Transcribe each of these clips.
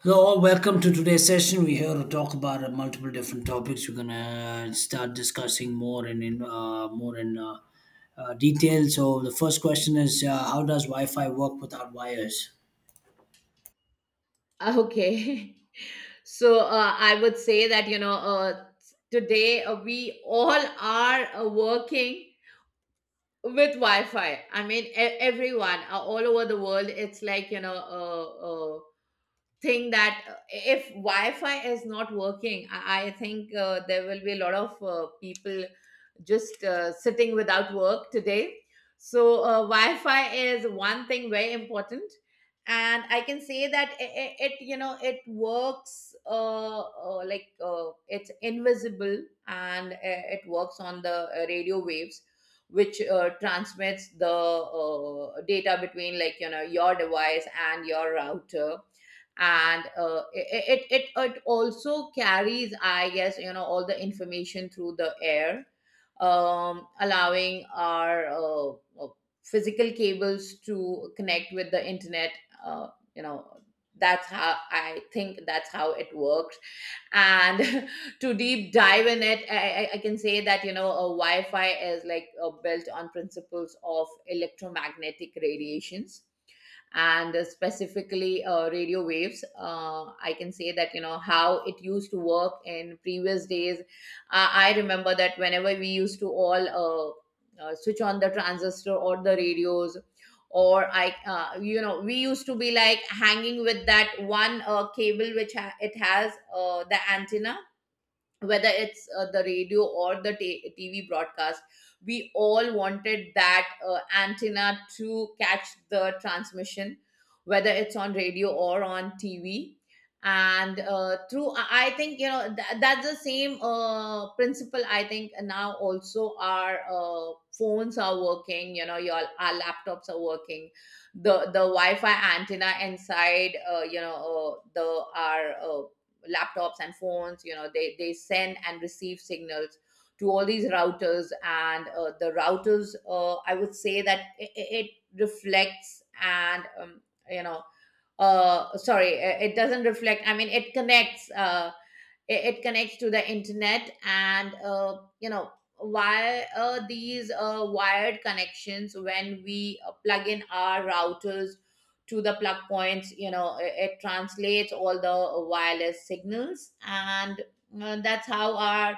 Hello, all. Welcome to today's session. We're here to talk about multiple different topics. We're gonna start discussing more and in more in detail. So the first question is, how does Wi-Fi work without wires? Okay. So I would say that, today we all are working with Wi Fi. I mean, everyone all over the world, it's like, uh, think that if Wi-Fi is not working, I think there will be a lot of people just sitting without work today. So Wi-Fi is one thing very important, and I can say that it you know it works like it's invisible and it works on the radio waves. Which transmits the data between, like you know, your device and your router and it also carries I guess you know all the information through the air allowing our uh, physical cables to connect with the internet uh, you know that's how I think that's how it works. And to deep dive in it I can say that you know a wi-fi is like built on principles of electromagnetic radiations and specifically radio waves. I can say that you know how it used to work in previous days. I remember that whenever we used to all switch on the transistor or the radios or I you know we used to be like hanging with that one cable which it has the antenna, whether it's the radio or the TV broadcast, we all wanted that antenna to catch the transmission, whether it's on radio or on TV. And through, I think, you know, that's the same principle. I think now also our phones are working, you know, our laptops are working. The Wi Fi antenna inside, the our laptops and phones you know they send and receive signals to all these routers. And the routers, I would say that it reflects and you know sorry, it doesn't reflect, I mean it connects, it connects to the internet. And you know why these wired connections, when we plug in our routers to the plug points, you know it translates all the wireless signals. And that's how our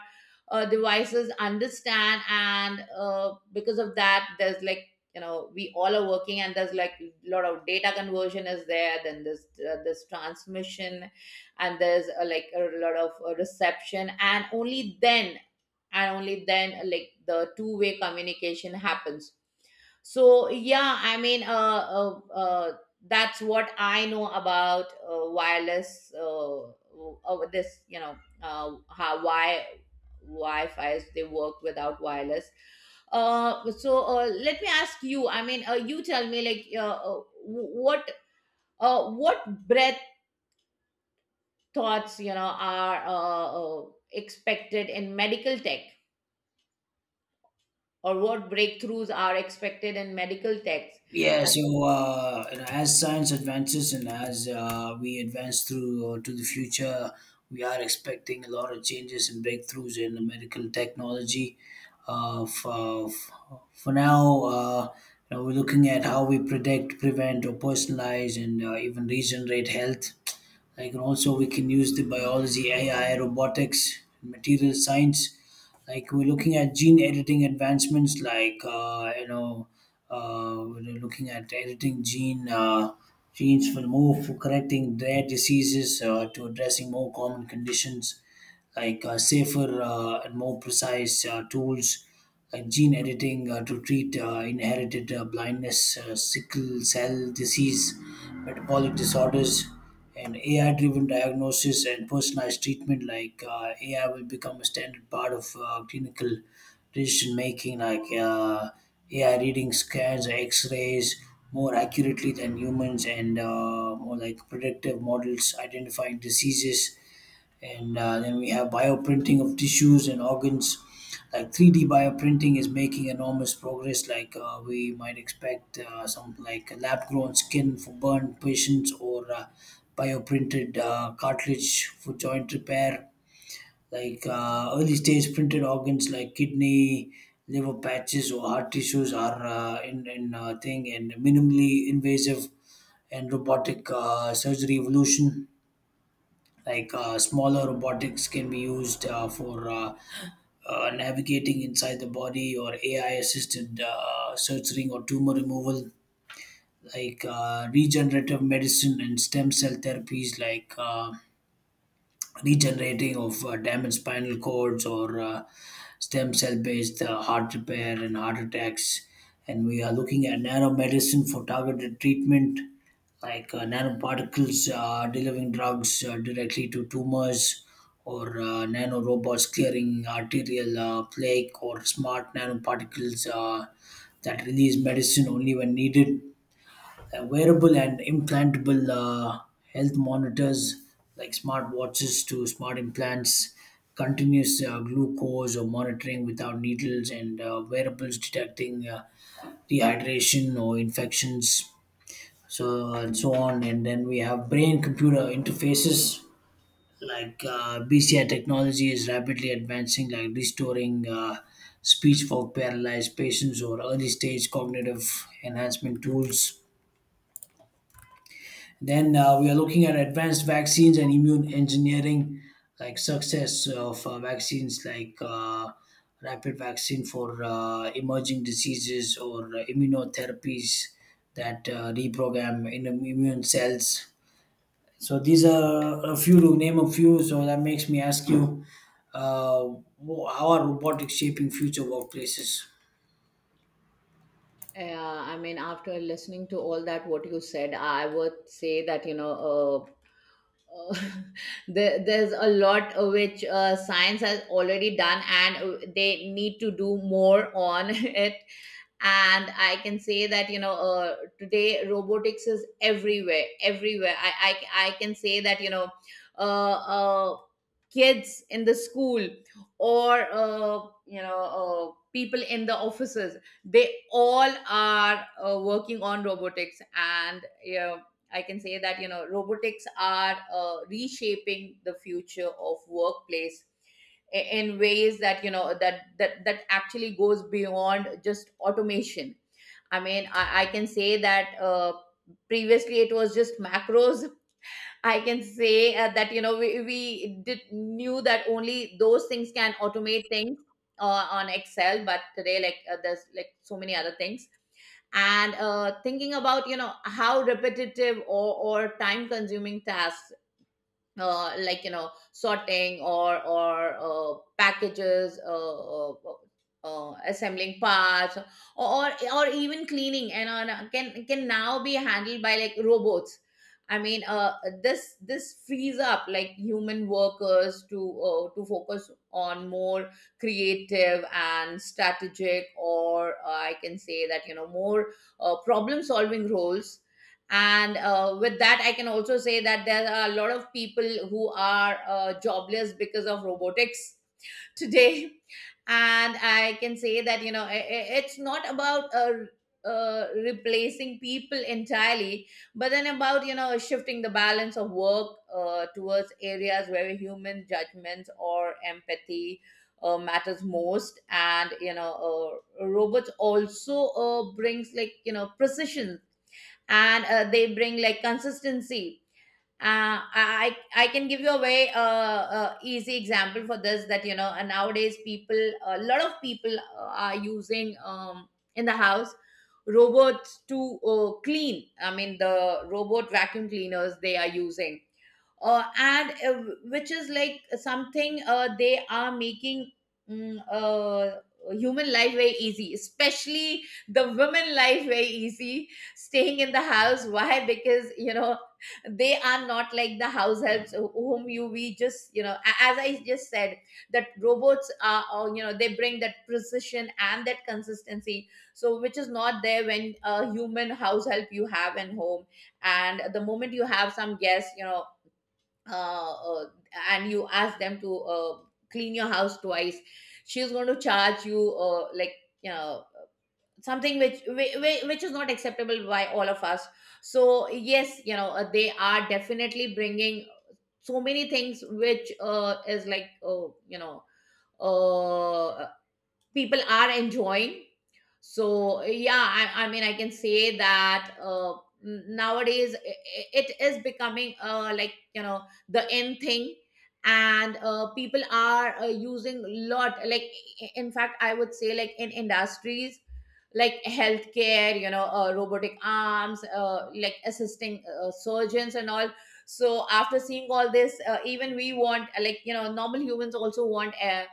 devices understand. And because of that there's like you know we all are working, and there's like a lot of data conversion is there, then this transmission, and there's like a lot of reception, and only then like the two-way communication happens. So yeah, I mean uh, uh that's what I know about wireless this you know how why wi-fi's, they work without wireless. So let me ask you, I mean, you tell me like what breadth thoughts you know are expected in medical tech or what breakthroughs are expected in medical tech. Yeah, I mean, so as science advances and as we advance through to the future, we are expecting a lot of changes and breakthroughs in the medical technology. Uh, for, for now, we're looking at how we predict, prevent, or personalize and even regenerate health. I can also We can use the biology, AI, robotics, material science. Like we're looking at gene editing advancements, we're looking at editing genes for correcting rare diseases to addressing more common conditions like safer and more precise tools like gene editing to treat inherited blindness, sickle cell disease, metabolic disorders, and AI driven diagnosis and personalized treatment. Like AI will become a standard part of clinical decision making, like AI reading scans, x rays more accurately than humans, and more like predictive models identifying diseases and then we have bioprinting of tissues and organs like 3D bioprinting is making enormous progress like we might expect some like lab grown skin for burn patients or bioprinted cartilage for joint repair like early stage printed organs like kidney, liver patches, or heart tissues are in thing, and minimally invasive and robotic surgery evolution like smaller robotics can be used for navigating inside the body, or AI-assisted surgery or tumor removal. Like regenerative medicine and stem cell therapies, like regenerating of damaged spinal cords or stem cell based heart repair and heart attacks. And we are looking at nanomedicine for targeted treatment, like nanoparticles delivering drugs directly to tumors, or nanorobots clearing arterial plaque, or smart nanoparticles that release medicine only when needed. Uh, Wearable and implantable health monitors like smart watches to smart implants, continuous glucose or monitoring without needles, and wearables detecting dehydration or infections, so and so on. And then we have brain computer interfaces like BCI technology is rapidly advancing, like restoring speech for paralyzed patients or early stage cognitive enhancement tools. Then we are looking at advanced vaccines and immune engineering, like success of vaccines like rapid vaccine for emerging diseases or immunotherapies that reprogram in immune cells. So these are a few to name a few. So that makes me ask you, how are robotics shaping future workplaces? After listening to all that what you said, I would say that you know uh, there's a lot which science has already done, and they need to do more on it. And I can say that you know today robotics is everywhere. Everywhere I can say that you know uh, uh kids in the school or people in the offices, they all are working on robotics. And yeah, I can say that you know robotics are reshaping the future of workplace in ways that you know that actually goes beyond just automation. I can say that previously it was just macros. I can say that you know we did knew that only those things can automate things on Excel, but today like there's like so many other things. And thinking about you know how repetitive or time consuming tasks like you know sorting or packages, assembling parts or even cleaning and on, can now be handled by like robots. I mean, this this frees up like human workers to focus on more creative and strategic, or I can say that you know more problem solving roles. And with that I can also say that there are a lot of people who are jobless because of robotics today. And I can say that you know it's not about replacing people entirely, but then about you know shifting the balance of work towards areas where human judgments or empathy matters most. And you know robots also brings like you know precision, and they bring like consistency. I can give you a very easy example for this, that you know nowadays people, a lot of people are using, in the house, robots to clean. I mean the robot vacuum cleaners they are using, and which is like something they are making mm, uh, human life very easy, especially the women life very easy, staying in the house. Why? Because you know they are not like the house helps whom you we just you know, as I just said, that robots are you know they bring that precision and that consistency, so which is not there when a human house help you have in home. And the moment you have some guests, you know, uh, uh, and you ask them to clean your house twice, she's going to charge you like, you know, something which which is not acceptable by all of us. So yes, you know they are definitely bringing so many things which is like uh, people are enjoying. So yeah, I mean I can say that nowadays it is becoming like you know the in thing. And people are using lot, like in fact I would say, like in industries like healthcare, you know robotic arms like assisting surgeons and all. So after seeing all this, even we want, like you know normal humans also want,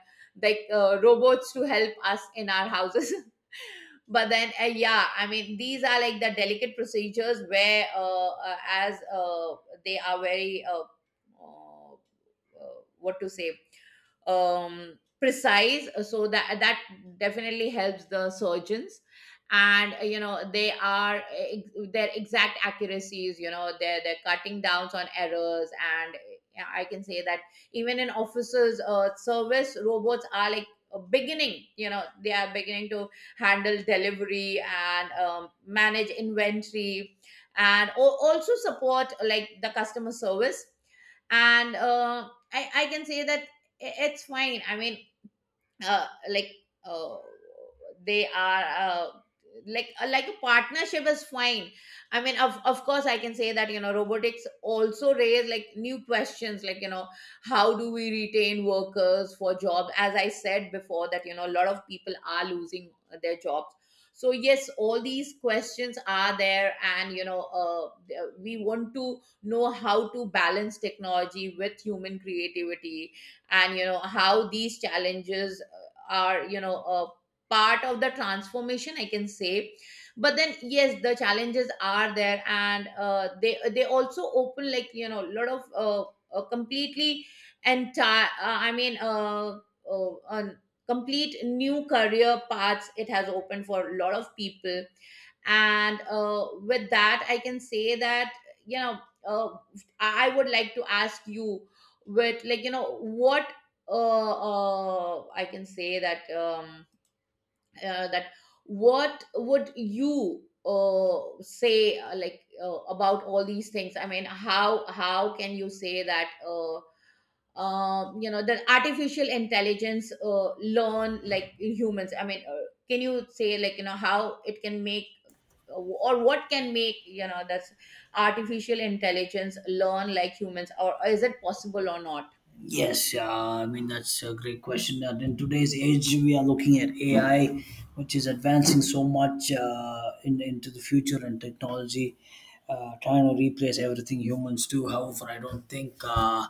like robots to help us in our houses. But then yeah, I mean these are like the delicate procedures where as they are very uh, what to say precise, so that that definitely helps the surgeons. And you know they are their exact accuracies, you know they're cutting downs on errors. And yeah, I can say that even in offices service robots are like beginning, you know they are beginning to handle delivery and manage inventory, and also support like the customer service. And I can say that I- it's fine. I mean, uh, like uh, they are like a partnership is fine. I mean, of course I can say that you know robotics also raise like new questions, like you know how do we retain workers for job, as I said before that you know a lot of people are losing their jobs. So yes, all these questions are there, and you know we want to know how to balance technology with human creativity, and you know how these challenges are, you know, a part of the transformation, I can say. But then yes, the challenges are there, and they also open like you know a lot of completely entire I mean a complete new career paths it has opened for a lot of people. And with that I can say that you know, uh, I would like to ask you, with like you know what, uh, I can say that that what would you say like about all these things? I mean, how can you say that you know that artificial intelligence learn like humans? I mean, can you say like you know how it can make or what can make, you know, that's artificial intelligence learn like humans, or is it possible or not? Yes, I mean that's a great question. And in today's age, we are looking at AI, which is advancing so much into the future and technology, trying to replace everything humans do. However, I don't think uh,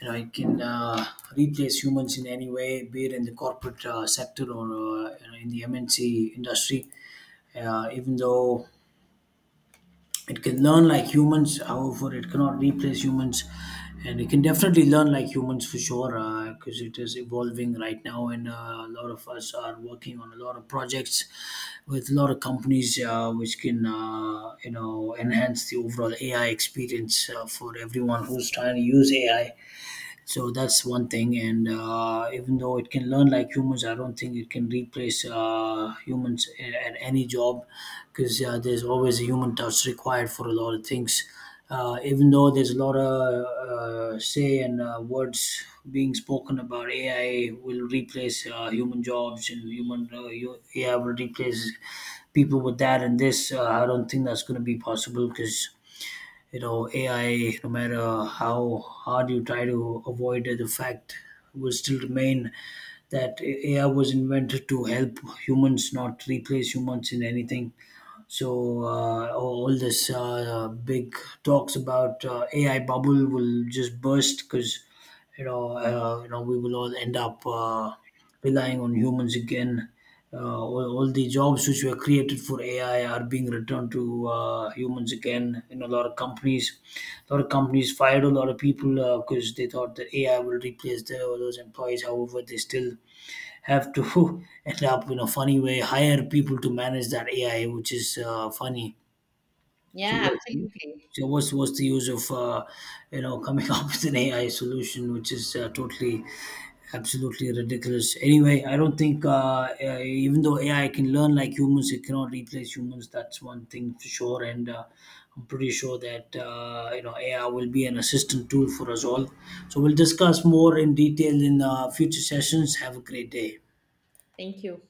you know it can replace humans in any way, be it in the corporate sector or in the MNC industry. Even though it can learn like humans, however it cannot replace humans, and it can definitely learn like humans for sure, because it is evolving right now. And A lot of us are working on a lot of projects with a lot of companies which can enhance the overall AI experience for everyone who's trying to use AI. So that's one thing. And even though it can learn like humans, I don't think it can replace at any job, because there's always a human touch required for a lot of things. Even though there's a lot of say and words being spoken about AI will replace human jobs and AI will replace people with that and this, I don't think that's going to be possible, because you know AI, no matter how hard you try to avoid it, the fact will still remain that AI was invented to help humans, not replace humans in anything. So all this big talks about AI bubble will just burst, because you know we will all end up relying on humans again. All the jobs which were created for AI are being returned to humans again. In a lot of companies, a lot of companies fired a lot of people because they thought that AI will replace all those employees. However, they still have to end up, in a funny way, hire people to manage that AI, which is funny. So, Yeah, what- absolutely. so what's the use of you know coming up with an AI solution, which is totally absolutely ridiculous. Anyway, I don't think even though AI can learn like humans, it cannot replace humans. That's one thing for sure, and I'm pretty sure that you know AI will be an assistant tool for us all. So we'll discuss more in detail in future sessions. Have a great day. Thank you.